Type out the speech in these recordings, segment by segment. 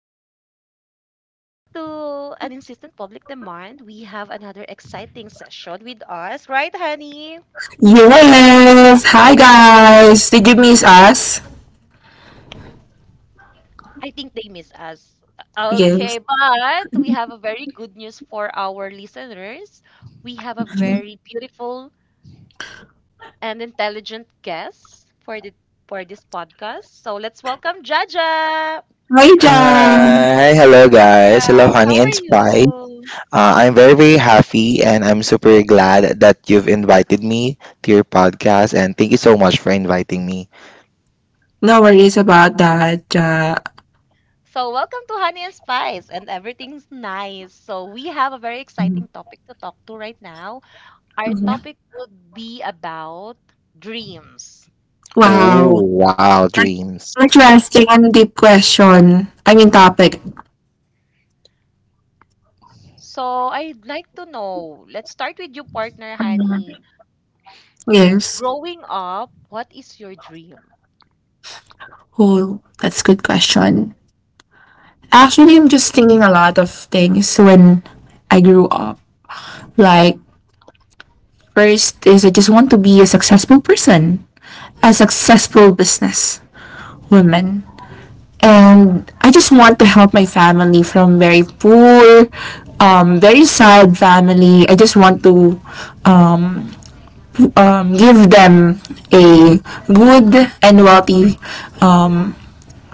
Guys. Due to an insistent public demand, we have another exciting session with us, right, Honey? Yes. Hi guys. Did you miss us? I think they miss us. Yes. Okay, but we have a very good news for our listeners. We have a very beautiful and intelligent guest for the for this podcast. So let's welcome Jaja. Hi Jam. Hi, hello Hi, guys. Hello, Jaja. How Honey are and Spy. you? I'm very, very happy and I'm super glad that you've invited me to your podcast and thank you so much for inviting me. No worries about that. Ja. So, welcome to Honey and Spice and everything's nice. So, we have a very exciting topic to talk to right now. Our Mhm. topic would be about dreams. Oh, Wow. wow, That's dreams. interesting and deep question. I mean topic. So, I'd like to know, let's start with you, partner Honey. Yes. Growing up, what is your dream? Oh, that's good question. Actually, I'm just thinking a lot of things when I grew up. Like first is I just want to be a successful person, a successful business woman. And I just want to help my family from very poor, very sad family. I just want to um, give them a good and wealthy um,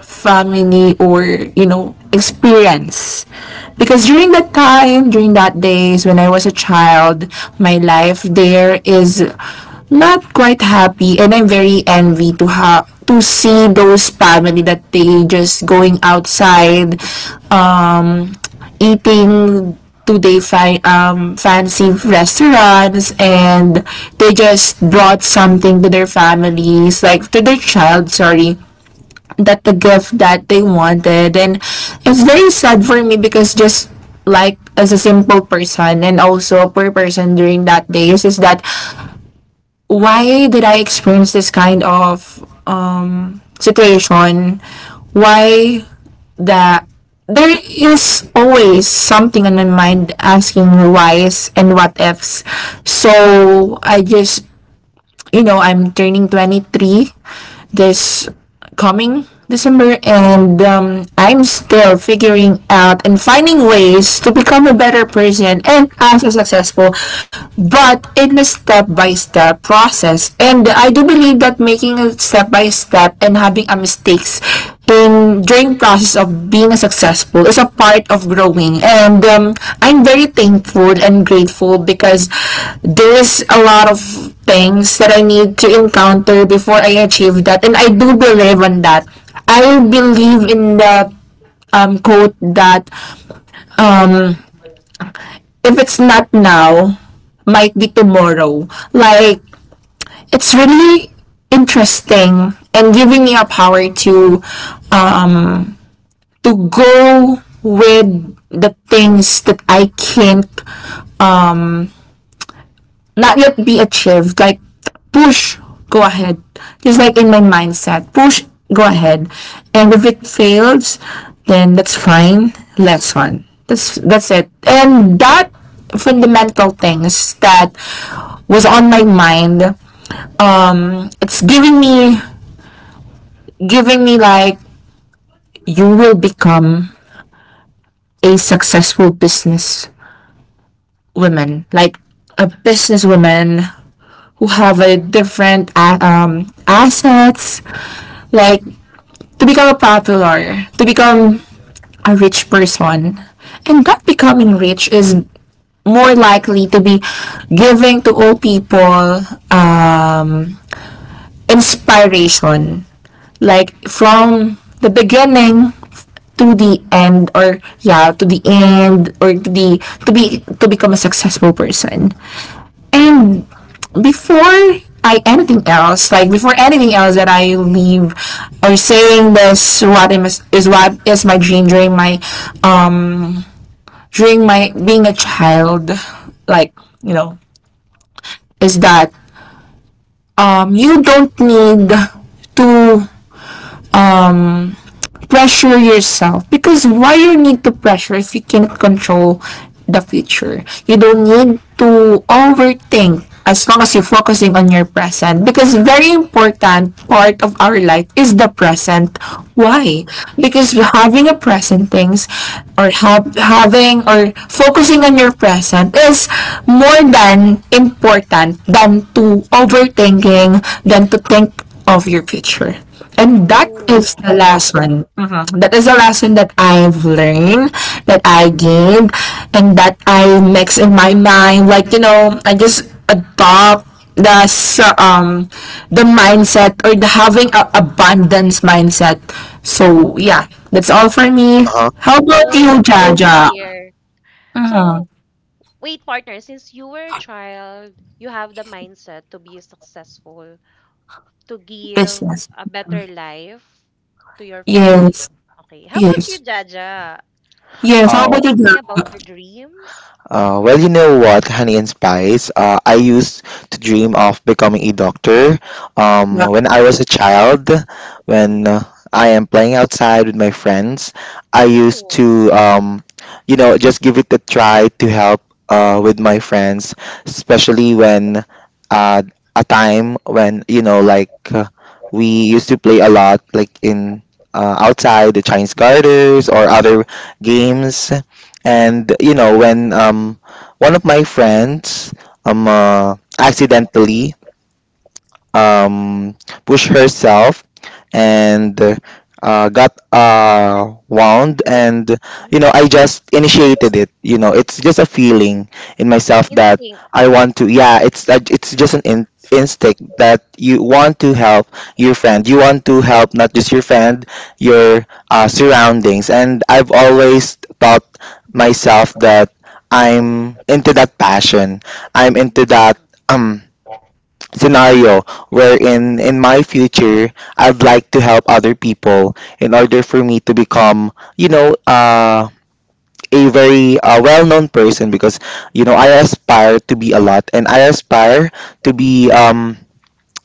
family or experience because during that time during that days when I was a child, my life there is not quite happy, and I'm very envy to have to see those family that they just going outside um eating to they fancy restaurants. And they just brought something to their families, like to their child, sorry, that the gift that they wanted. And it's very sad for me because just like as a simple person and also a poor person during that days is that why did I experience this kind of situation? Why that there is always something on my mind asking whys and what ifs. So I just, I'm turning 23 this coming December, and I'm still figuring out and finding ways to become a better person and also successful, but in a step by step process. And I do believe that making a step by step and having a mistakes in during process of being successful is a part of growing, and I'm very thankful and grateful because there is a lot of things that I need to encounter before I achieve that. And I do believe on that. I believe in the quote that, um, if it's not now, might be tomorrow. Like, it's really interesting and giving me a power um to go with the things that I can't um not yet be achieved. Like push, go ahead. Just like in my mindset. Push, go ahead. And if it fails, then that's fine. Let's on. That's it. And that fundamental things that was on my mind. It's giving me like you will become a successful business women, like a businesswoman who have a different assets, like to become popular, to become a rich person. And that becoming rich is more likely to be giving to all people um, inspiration, like from the beginning to the end, or yeah to the end, or to the to be to become a successful person. And before I anything else, like before anything else that I leave or saying this what is what is my dream um during my being a child, like, you know, is that you don't need to um pressure yourself. Because why you need to pressure if you can't control the future? You don't need to overthink as long as you're focusing on your present, because very important part of our life is the present. Why? Because having a present things, or having, or focusing on your present is more than important than to overthinking, than to think of your future. And that is Oh, the I see. lesson. Mhm. That is the lesson that I've learned, that I gained, and that I mix in my mind. Like, I just adopt the s- um the mindset, or the having a abundance mindset. So yeah, that's all for me. Uh-huh. How about Oh, you, that's nice to Jaja? hear. So, wait, partner, since you were a child, you have the mindset to be successful, to give Business. a better life to your family. Yes. Okay. How about you, Yes. Jaja? Can you Yes. How share Uh, about you, something about Jaja? your dreams? well, you know what, honey and spice. I used to dream of becoming a doctor. When I was a child, when I am playing outside with my friends, I used Oh, to, you know, just give it a try to help with my friends, especially when uh, a time when, you know, like we used to play a lot, like in outside the Chinese gardens or other games. And you know, when one of my friends accidentally um, pushed herself and got wound. hurt. And you know, I Mm. just initiated it. You know, it's just a feeling in myself that Instinct. I want to, yeah, it's just an instinct that you want to help your friend. You want to help not just your friend, your surroundings. And I've always thought myself that I'm into that passion, I'm into that Mm. um scenario wherein in my future I'd like to help other people in order for me to become, you know, a very well-known person, because you know I aspire to be a lot and I aspire to be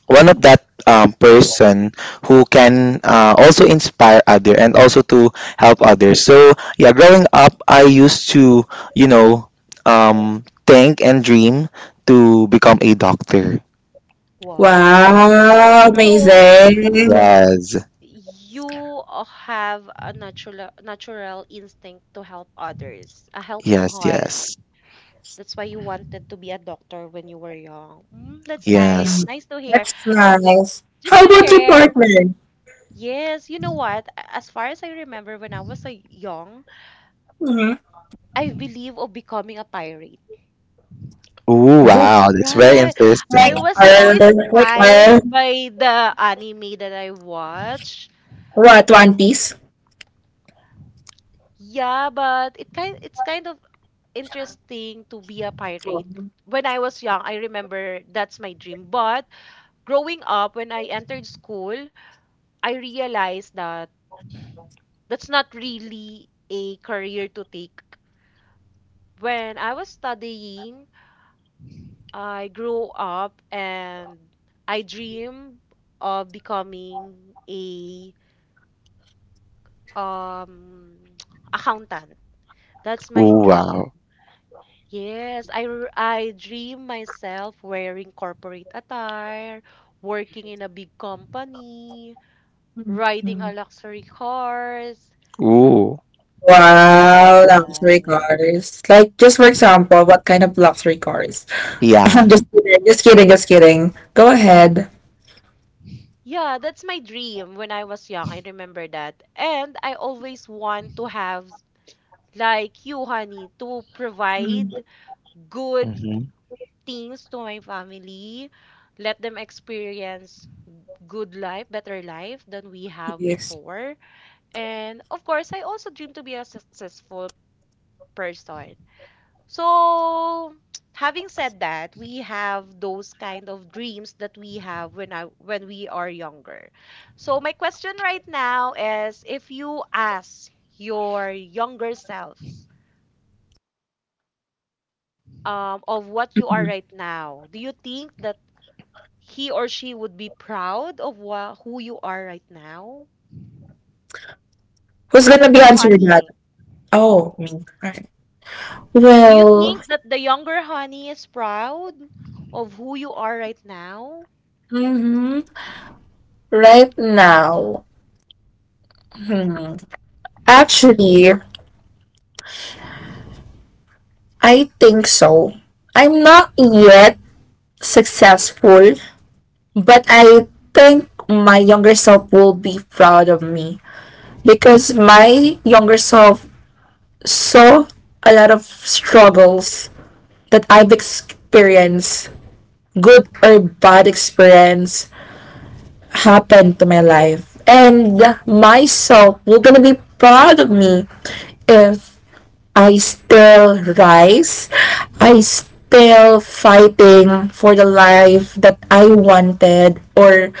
one of that person who can also inspire other and also to help others. So yeah, growing up I used to, you know, think and dream to become a doctor. Wow. Wow, So amazing. Yes. you have a natural instinct to help others, a helping Yes, heart. yes, That's why you wanted to be a doctor when you were young. Mm, that's nice. yes. Nice to hear. That's nice. Just How to about your share. partner? Yes, you know what? As far as I remember, when I was a young, I believe of becoming a pirate. Ooh, Who wow, that's very Right. I like interesting. was so her? Like her? inspired by the anime that I watched. What? One Piece? Yeah, but it's kind of interesting to be a Wow, pirate. When I was young, I remember that's my dream. But growing up, when I entered school, I realized that that's not really a career to take. When I was studying I grew up and I dream of becoming a um accountant. That's my Ooh, dream. wow. Yes, I dream myself wearing corporate attire, working in a big company, riding a luxury cars. Ooh, luxury Yes. cars. Like, just for example, what kind of luxury cars? I'm yeah. just kidding, just kidding, just kidding. Go ahead. Yeah, that's my dream when I was young. I remember that. And I always want to have like you, honey, to provide good Mm-hmm. things to my family, let them experience good life, better life than we have Yes. before. And of course, I also dream to be a successful person. So, having said that, we have those kind of dreams that we have when we are younger. So, my question right now is if you ask your younger self of what you are right now, do you think that he or she would be proud of who you are right now? Who's How gonna about be you, answering that? honey? Oh, me. Alright. Do you Well, think that the younger honey is proud of who you are right now? hmm right now, hmm, actually, I think so. I'm not yet successful. But I think my younger self will be proud of me, because my younger self saw a lot of struggles that I've experienced, good or bad experience happened to my life. And myself will gonna be proud of me if I still rise, I still fighting for the life that I wanted, or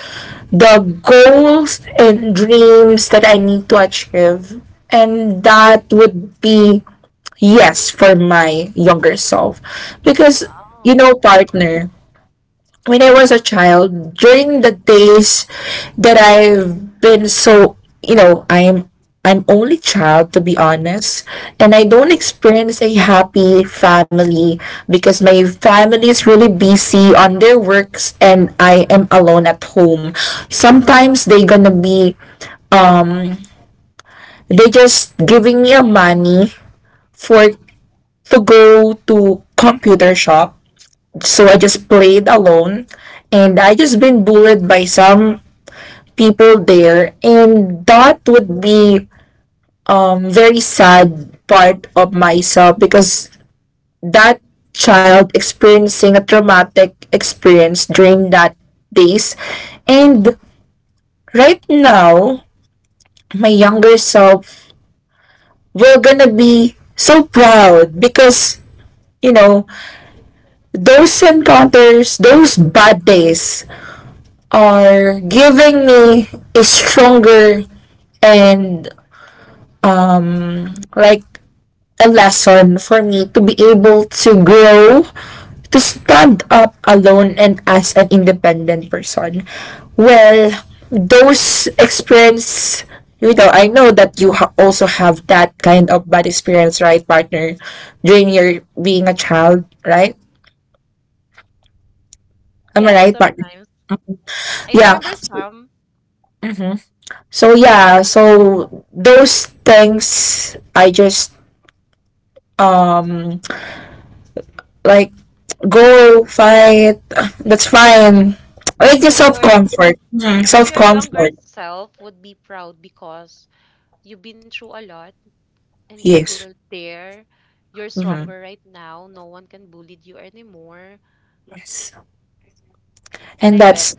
the goals and dreams that I need to achieve. And that would be yes for my younger self. Because, you know, Wow. partner, when I was a child, during the days that I've been so, you know, I'm only child to be honest, and I don't experience a happy family because my family is really busy on their works and I am alone at home. Sometimes they gonna be um they just giving me a money for to go to computer shop. So I just played alone and I just been bullied by some people there, and that would be very sad part of myself, because that child experiencing a traumatic experience during that days. And right now my younger self will gonna be so proud because you know those encounters, those bad days are giving me a stronger and like a lesson for me to be able to grow, to stand up alone and as an independent person. Well, those experience, I know that you also have that kind of bad experience, right, partner, during your being a child, right? Am I Yeah, right, partner? sometimes. I Yeah. remember some. Mm-hmm. So yeah, so those things I just um like go fight. That's fine. Like your So self your comfort. Mhm. so Self your younger comfort. self would be proud because you've been through a lot and you're Yes. still there. You're Mm-hmm. stronger right now. No one can bully you anymore. Yes. And And I bet that's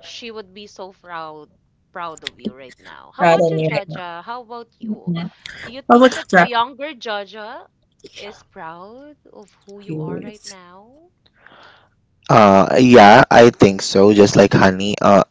she would be so proud of you right now. How proud about on you, me right Jaja? now. How about you? Mhm. Do you How about think you, that the Jack? younger Jaja is proud of who you are right Yes. now? Yeah, I think so. Just like honey,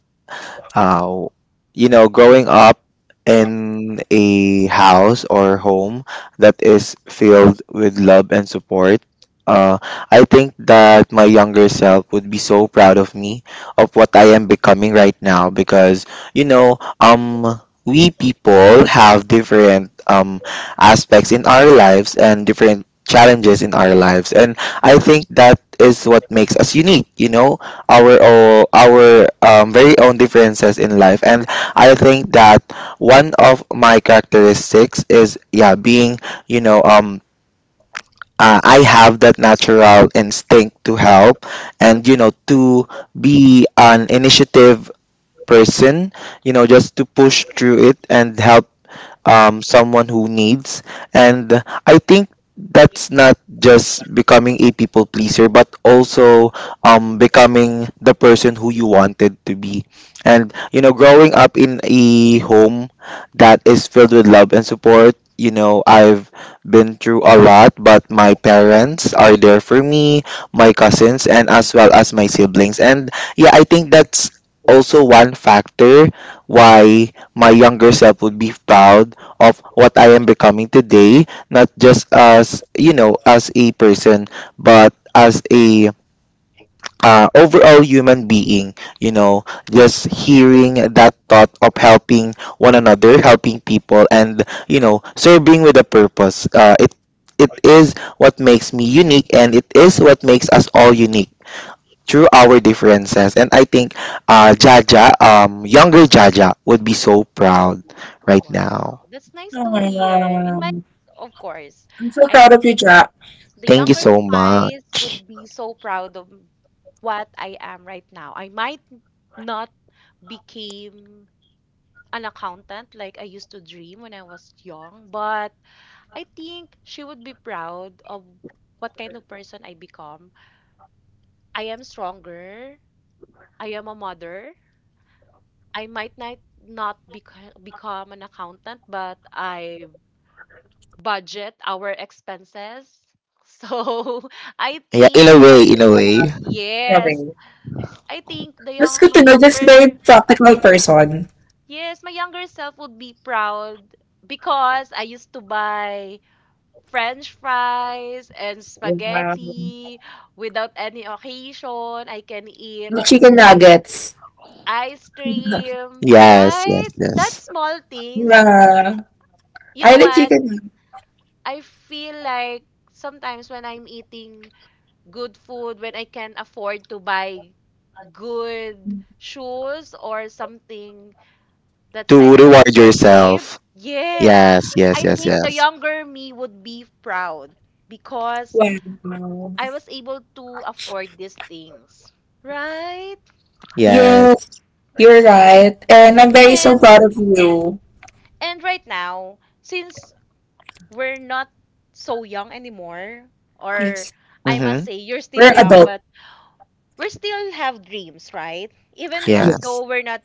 uh, you know, growing up in a house or home that is filled with love and support, uh, I think that my younger self would be so proud of me, of what I am becoming right now, because, you know, we people have different aspects in our lives and different challenges in our lives. And I think that is what makes us unique, you know? Our our very own differences in life. And I think that one of my characteristics is, yeah, being, you know, I have that natural instinct to help, and you know, to be an initiative person, you know, just to push through it and help someone who needs. And I think that's not just becoming a people pleaser, but also becoming the person who you wanted to be. And, you know, growing up in a home that is filled with love and support, you know, I've been through a lot, but my parents are there for me, my cousins, and as well as my siblings. And yeah, I think that's also one factor why my younger self would be proud of what I am becoming today, not just as, you know, as a person, but as a overall human being, you know, just hearing that thought of helping one another, helping people, and, you know, serving with a purpose. It is what makes me unique and it is what makes us all unique through our differences. And I think Jaja, younger Jaja, would be so proud right Wow, now. that's nice Oh to my hear. In my god, of course, I'm so I proud of you, think Jack. the Thank you younger so Spice much. would be so proud of what I am right now. I might not became an accountant like I used to dream when I was young, but I think she would be proud of what kind of person I become. I am stronger. I am a mother. I might not become an accountant, but I budget our expenses. So I Yeah, in think a my way, in a way. Loving yes, you. I think the That's young good my to know. Just very younger practical person. yes, my younger self would be proud because I used to buy French fries and Um, spaghetti without any occasion. I can eat the chicken nuggets. ice cream, Yes, yes, right? yes. That's small things. Yeah. You I know like what? chicken. I feel like sometimes when I'm eating good food, when I can afford to buy good shoes or something that's To kind of reward expensive, yourself. yes, Yes, I yes, yes, think the yes. younger me would be proud because Wow. I was able to afford these things. Right? Yes. Yes, you're right. And I'm very so And proud of you. and right now, since we're not so young anymore, or Yes. I must Mm-hmm. say you're still We're young, adult. but we still have dreams, right? You. Even Yes. though we're not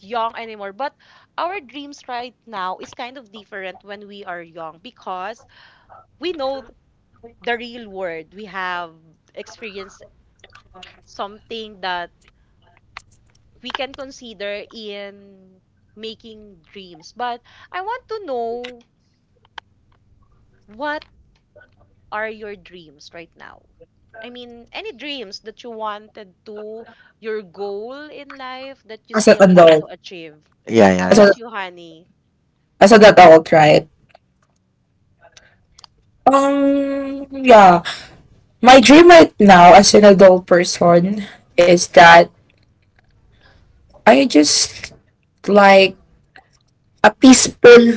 young anymore, but our dreams right now is kind of different when we are young because we know the real world. We have experienced something that we can consider in making dreams. But I want to know what are your dreams right now? I mean, any dreams that you wanted to, your goal in life that you As an still want to adult. achieve. Yeah, How yeah, As, a, yeah. about you, honey? as an adult, right? Y- Yeah. My dream right now as an adult person is that I just like a peaceful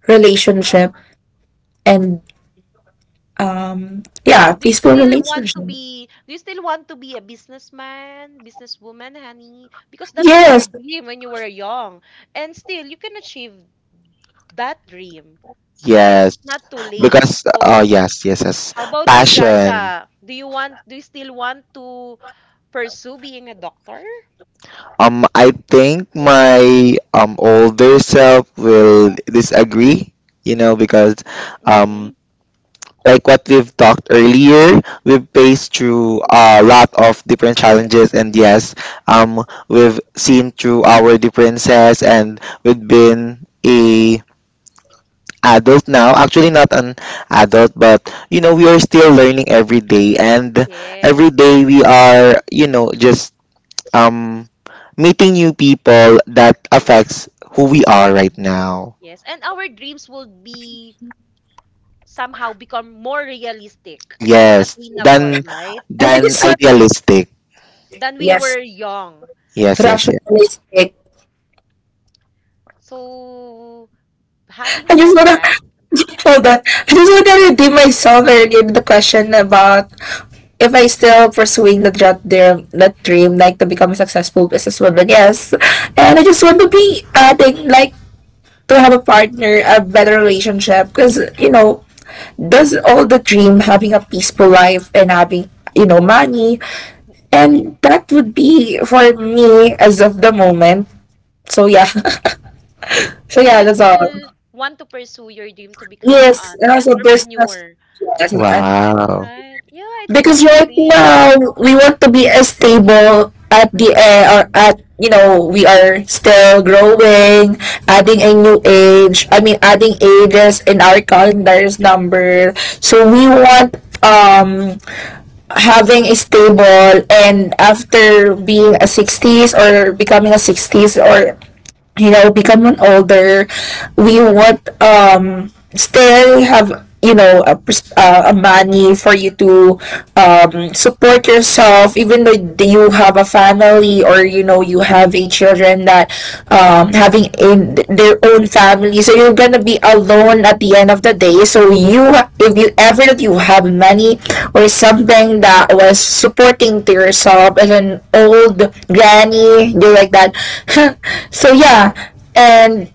relationship and yeah, Do you peaceful still want relationship. To be a businessman, businesswoman, honey? Because that was your Yes. dream when you were young. And still you can achieve that dream, right? Yes. Not too late. Because, So yes, yes, yes. how about you, Passion. Jaja? Do you want do you still want to pursue being a doctor? I think my older self will disagree, you know, because um Hmm. like what we've talked earlier, we've faced through a lot of different challenges. And yes, um we've seen through our differences and we've been a adult now. Actually not an adult, but you know, we are still learning every day and every Yes. Eh, day we are, you know, just um, meeting new people that affects who we are right now. yes. And our dreams will be somehow become more realistic, more Yes, attainable, right? And I than just want idealistic. Than we yes. were young. Yes, yes, yes. Rationalistic. So, having I just said wanna that, hold on. I just wanna redeem myself earlier in the question about if I still pursuing that dream, like to become a successful businesswoman, yes. And I just want to be adding, like, to have a partner, a better relationship, because, does all the dream having a peaceful life and having, money. And that would be for me as of the moment. So, yeah. So, so yeah, you that's all. still want to pursue your dream to become Yes, an and also business. entrepreneur, Yes, and Wow. right? Yeah, it's not because too right late. now we want to be as stable at the or at we are still growing, adding a new age, I mean adding ages in our calendar's number. So we want um having a stable, and after being a 60s or becoming a 60s, or becoming older, we want still have, a, a money for you to support yourself, even though you have a family, or you have a children that having in their own family. So you're gonna be alone at the end of the day. So if you ever that you have money or something that was supporting to yourself as an old granny, you're like that. So yeah, and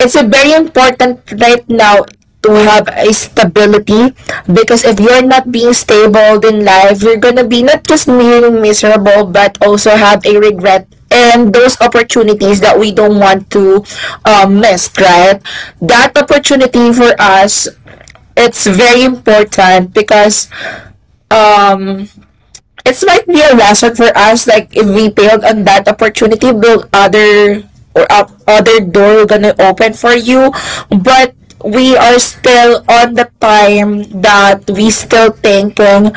it's a very important right now to have a stability, because if you're not being stable in life, you're gonna be not just being miserable but also have a regret, and those opportunities that we don't want to miss, right? That opportunity for us, it's very important, because um, it might be a lesson for us. Like if we failed on that opportunity, will other or up other door gonna open for you? But we are still on the time that we still thinking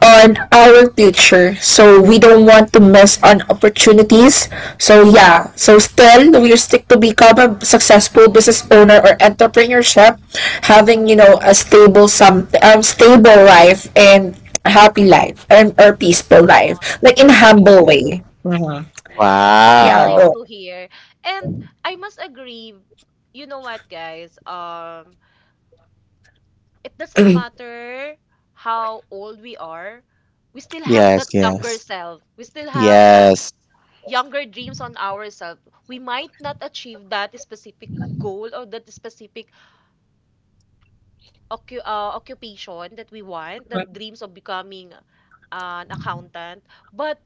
on our future. So we don't want to miss on opportunities. So yeah, so still we stick to become a successful business owner or entrepreneurship, having a stable some stable life, and a happy life, and or peaceful Oh, life, I see. like in humble way. That's Yeah, nice go. Wow. to hear. And I must agree, you know what, guys? It doesn't matter how old we are, we still have that Yes, younger yes. self. We still have that Yes. younger dreams on ourselves. We might not achieve that specific goal or that specific occupation that we want, that dreams of becoming an accountant. But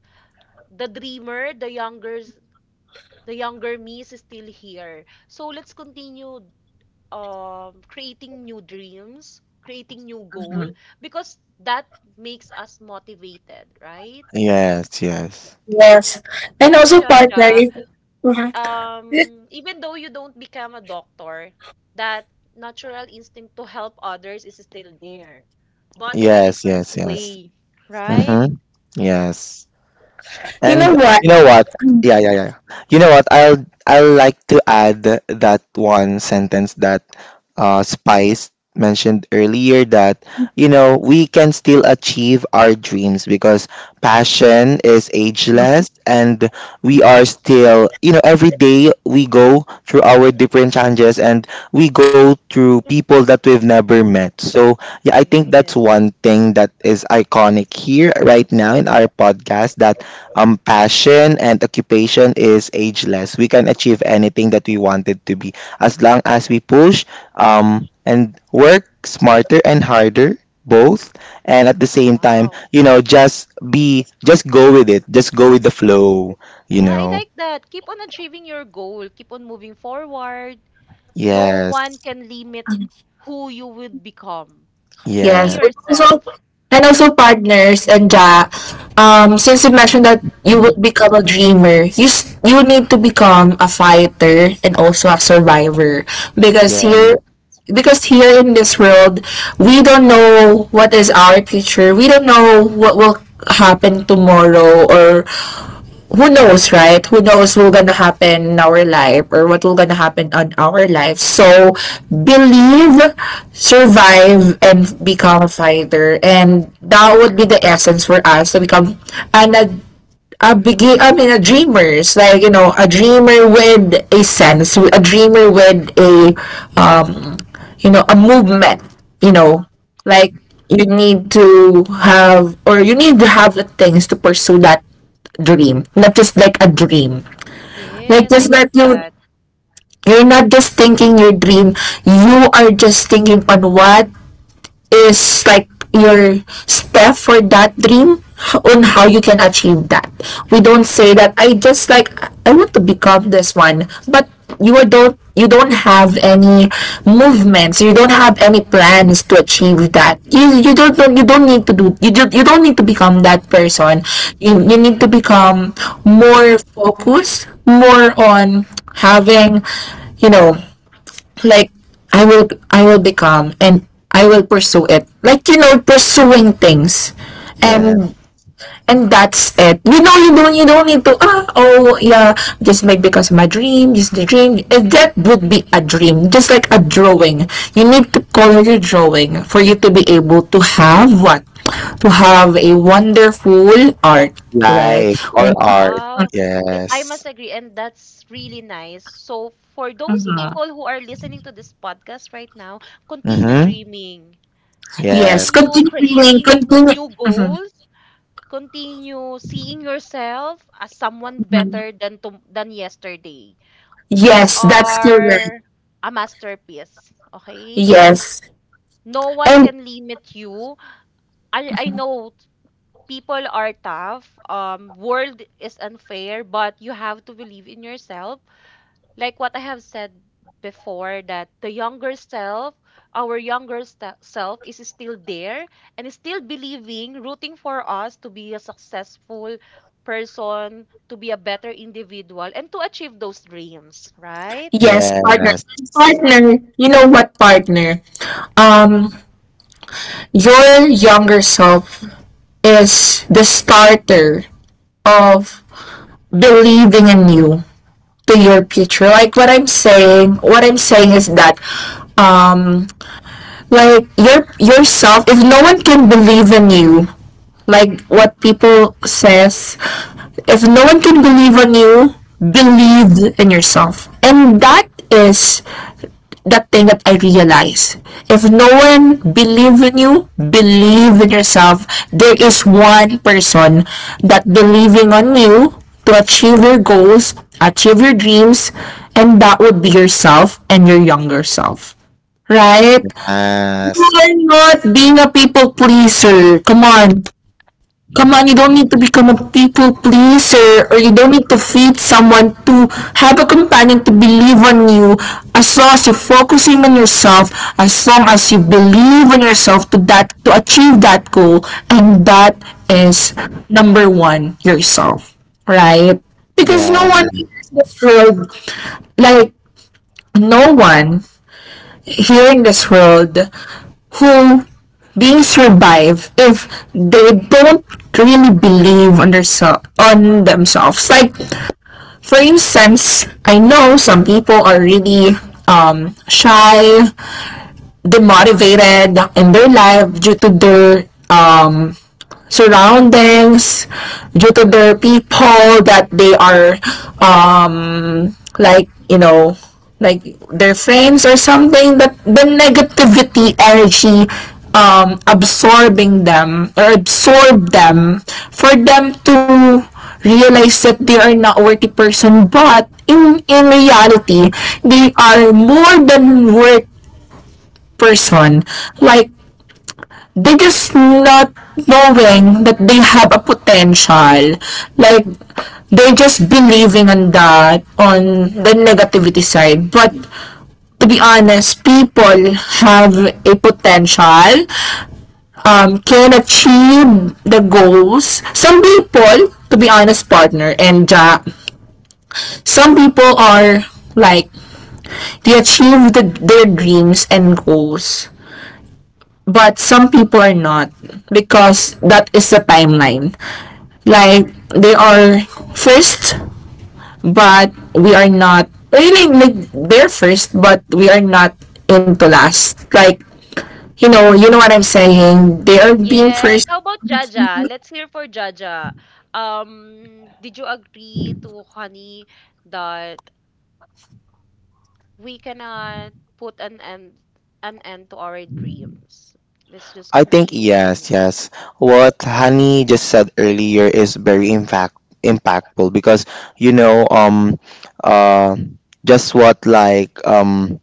the dreamer, the younger me is still here. So let's continue creating new dreams, creating new goal, because that makes us motivated, right? Yes, yes. Yes, and Right, also partner. Jaja? Even though you don't become a doctor, that natural instinct to help others is still there, but in a Yes, different yes, yes. way, right? Mm-hmm. Yes. You know And what? you know what? Yeah, yeah, yeah, yeah. You know what? I'll like to add that one sentence that Spice mentioned earlier, that you know we can still achieve our dreams because passion is ageless. And we are still, you know, every day we go through our different challenges and we go through people that we've never met. So yeah, I think that's Yes. one thing that is iconic here right now in our podcast, that passion and occupation is ageless. We can achieve anything that we wanted to be as long as we push and work smarter and harder, both, and at the same time, Wow. you know, just be, just go with it, just go with the flow, you Yeah, I know. like that. Keep on achieving your goal. Keep on moving forward. No one Yes, can limit who you would become, only Yes, yes, and also yourself. Partners and ja, since you mentioned that you would become a dreamer, you need to become a fighter and also a survivor, yes, because here in this world we don't know what is our future. We don't know what will happen tomorrow, or who knows, right? Who knows what's gonna happen in our life, or what will gonna happen on our life. So believe, survive, and become a fighter. And that would be the essence for us to become an ad- a begin I mean a dreamers, a dreamer with a sense, a dreamer with a um a movement, you know like you need to have the things to pursue that dream, not just like a dream. Like Yes, I just like that you that. You're not just thinking your dream, you are just thinking on what is like your step for that dream, on how you can achieve that. We don't say that I just like I want to become this one, but you don't have any movements, you don't have any plans to achieve that. You don't need to do, you don't need to become that person. You need to become more focused, more on having, you know like I will become and I will pursue it. Like you know, pursuing things. yes. And and that's it. You know, you don't need to just make because of my dream, just the dream. That would be a dream. Just like a drawing. You need to color your drawing for you to be able to have what? To have a wonderful art, right? Life When or art. Wow. I Yes. must agree, and that's really nice. So, for those people who are listening to this podcast right now, continue Mm-hmm. dreaming, Yes, yes, continue continue dreaming, creating continue. new Mhm, goals, continue seeing yourself as someone mhm. better than yesterday. We Yes, that's correct. are a masterpiece, okay? Yes, No one and can limit you. I know people are tough. World is unfair, but you have to believe in yourself. Like what I have said before, that the younger self, our self, is still there and is still believing, rooting for us to be a successful person, to be a better individual, and to achieve those dreams, right? yes, partner. yes, Partner, you know what, partner? Um your younger self is the starter of believing in you to your future. What I'm saying is that um like your yourself, if no one can believe in you, like what people says, if no one can believe on you, believe in yourself. And that is that thing that I realized. If no one believes in you, believe in yourself. There is one person that believing on you to achieve your goals, achieve your dreams, and that would be yourself and your younger self. Right? You yes, are not being a people pleaser. Come on. Come on, you don't need to become a people pleaser, or you don't need to feed someone to have a companion to believe on you, as long as you're focusing on yourself, as long as you believe in yourself to that to achieve that goal. And that is number one, yourself. Right? Because yes. no one in this world, like no one here in this world who being survive if they don't really believe on on themselves. Like for instance, I know some people are really um shy, demotivated in their life due to their um surroundings, due to their people that they are, um like you know like their friends or something, that the negativity energy absorbing them or absorb them for them to realize that they are not a worthy person. But in reality they are more than worth person, like they just not knowing that they have a potential, like they're just believing on that, on the negativity side. But to be honest, people have a potential, can achieve the goals. Some people, to be honest, partner, and some people are like they achieve their dreams and goals, but some people are not, because that is the timeline. Like they are first, but we are not really like they're first, but we are not into last. Like you know, you know what I'm saying, they are being Yes. first. How about Jaja? Let's hear for Jaja. Did you agree to Honey that we cannot put an end to our dreams? Let's just I think continue yes, dreaming. yes. What Honey just said earlier is very impactful because you know uh just what like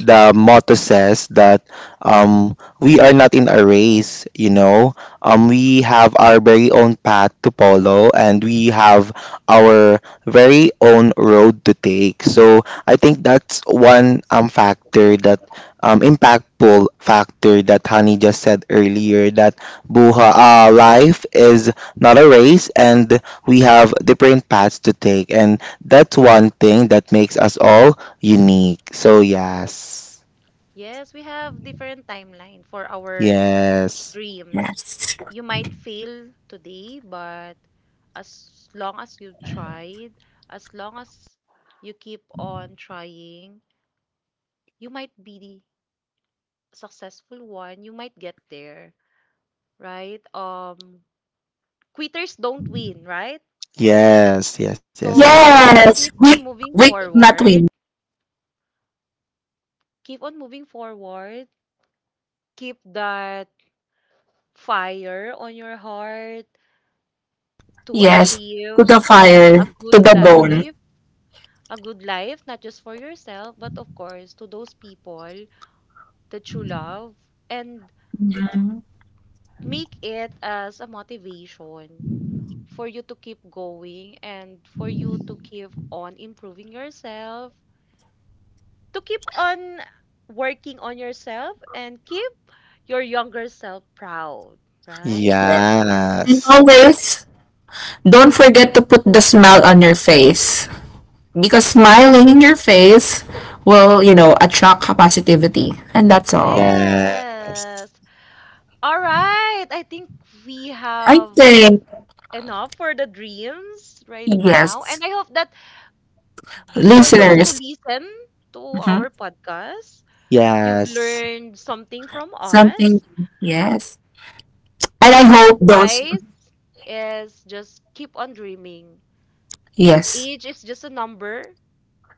the motto says that we are not in a race, you know. We have our very own path to follow and we have our very own road to take. So I think that's one factor, that impactful factor that Honey just said earlier, that buha life is not a race and we have different paths to take, and that's one thing that makes us all unique. So yes. Yes, we have different timeline for our Yes. dreams. You Yes, might fail today, but as long as you tried, as long as you keep on trying, you might be successful one, you might get there, right? Quitters don't win, right? Yes. Yes. Yes. Yes. So let's yes, keep on moving we could not forward. win. Keep on moving forward. Keep that fire on your heart to Yes, to the achieve fire a to good the bone. life. A good life, not just for yourself, but of course to those people that you love. And Mhm. make it as a motivation for you to keep going and for you to keep on improving yourself, to keep on working on yourself and keep your younger self proud, right? Yes. And Yes. always don't forget to put the smile on your face, because smiling in your face will, you know, attract positivity, and that's all. Yes. Yes. All right. I think we I have think enough for the dreams right now. And yes, I hope that for those who listeners, listen to mhm, our podcast, you've Yes. learned something from us. something, yes, and What I I can hope those advise is just keep on dreaming. yes, Age is just a number.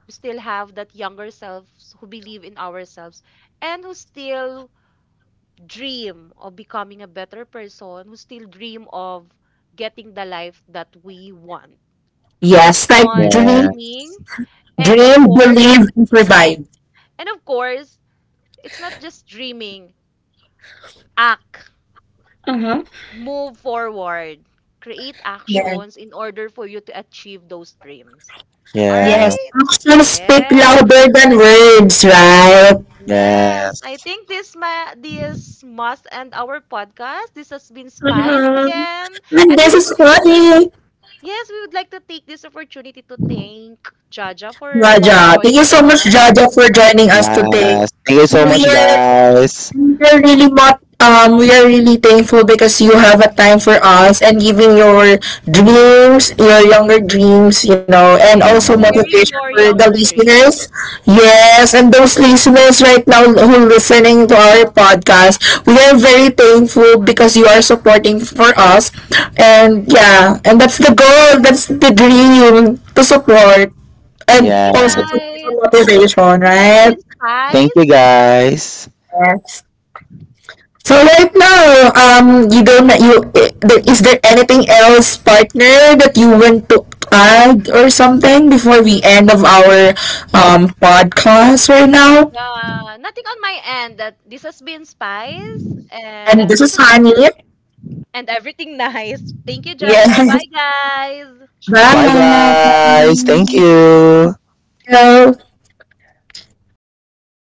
We still have that younger selves who believe in ourselves and who still dream of becoming a better person, who still dream of getting the life that we want. Keep yes, like on dream, dreaming. And of dream, course, believe, and survive. and of course, it's not just dreaming, act. Mm-hmm. Move forward. Create Yes, actions in order for you to achieve those dreams. All Yes. Yes. yes, right? actions speak Yes. louder than words, right? Yes. I Yes. think this must end our podcast. This has been Spice Mm-hmm. again. And And we this would is like to take Connie. Yes, we would like to take this opportunity to thank Jaja for Raja, thank you joining so much, us. Raja, for joining us today. Yes. Thank you so We much, are, guys. we're really not we are really thankful because you have a time for us and giving your dreams, your younger dreams, you know, Yes, and and also Yeah. sharing your motivation for younger the dream. listeners. Yes, and those listeners right now who listening to our podcast, we are very thankful because you are supporting for us. And yeah, and that's the goal, that's the dream to support and Thank you also Yes. to give a guys. motivation, This has right? been Thank you, Spice. guys. Yes. So right now, you don't you is there anything else, partner, that you want to add or something before we end of our podcast right now? Yeah, nothing on my end that this has been Spice And and this this is has been Honey. and everything nice. Thank you, Jaja. Bye, Yes. guys. Bye, guys. Bye. Thank you. Hello.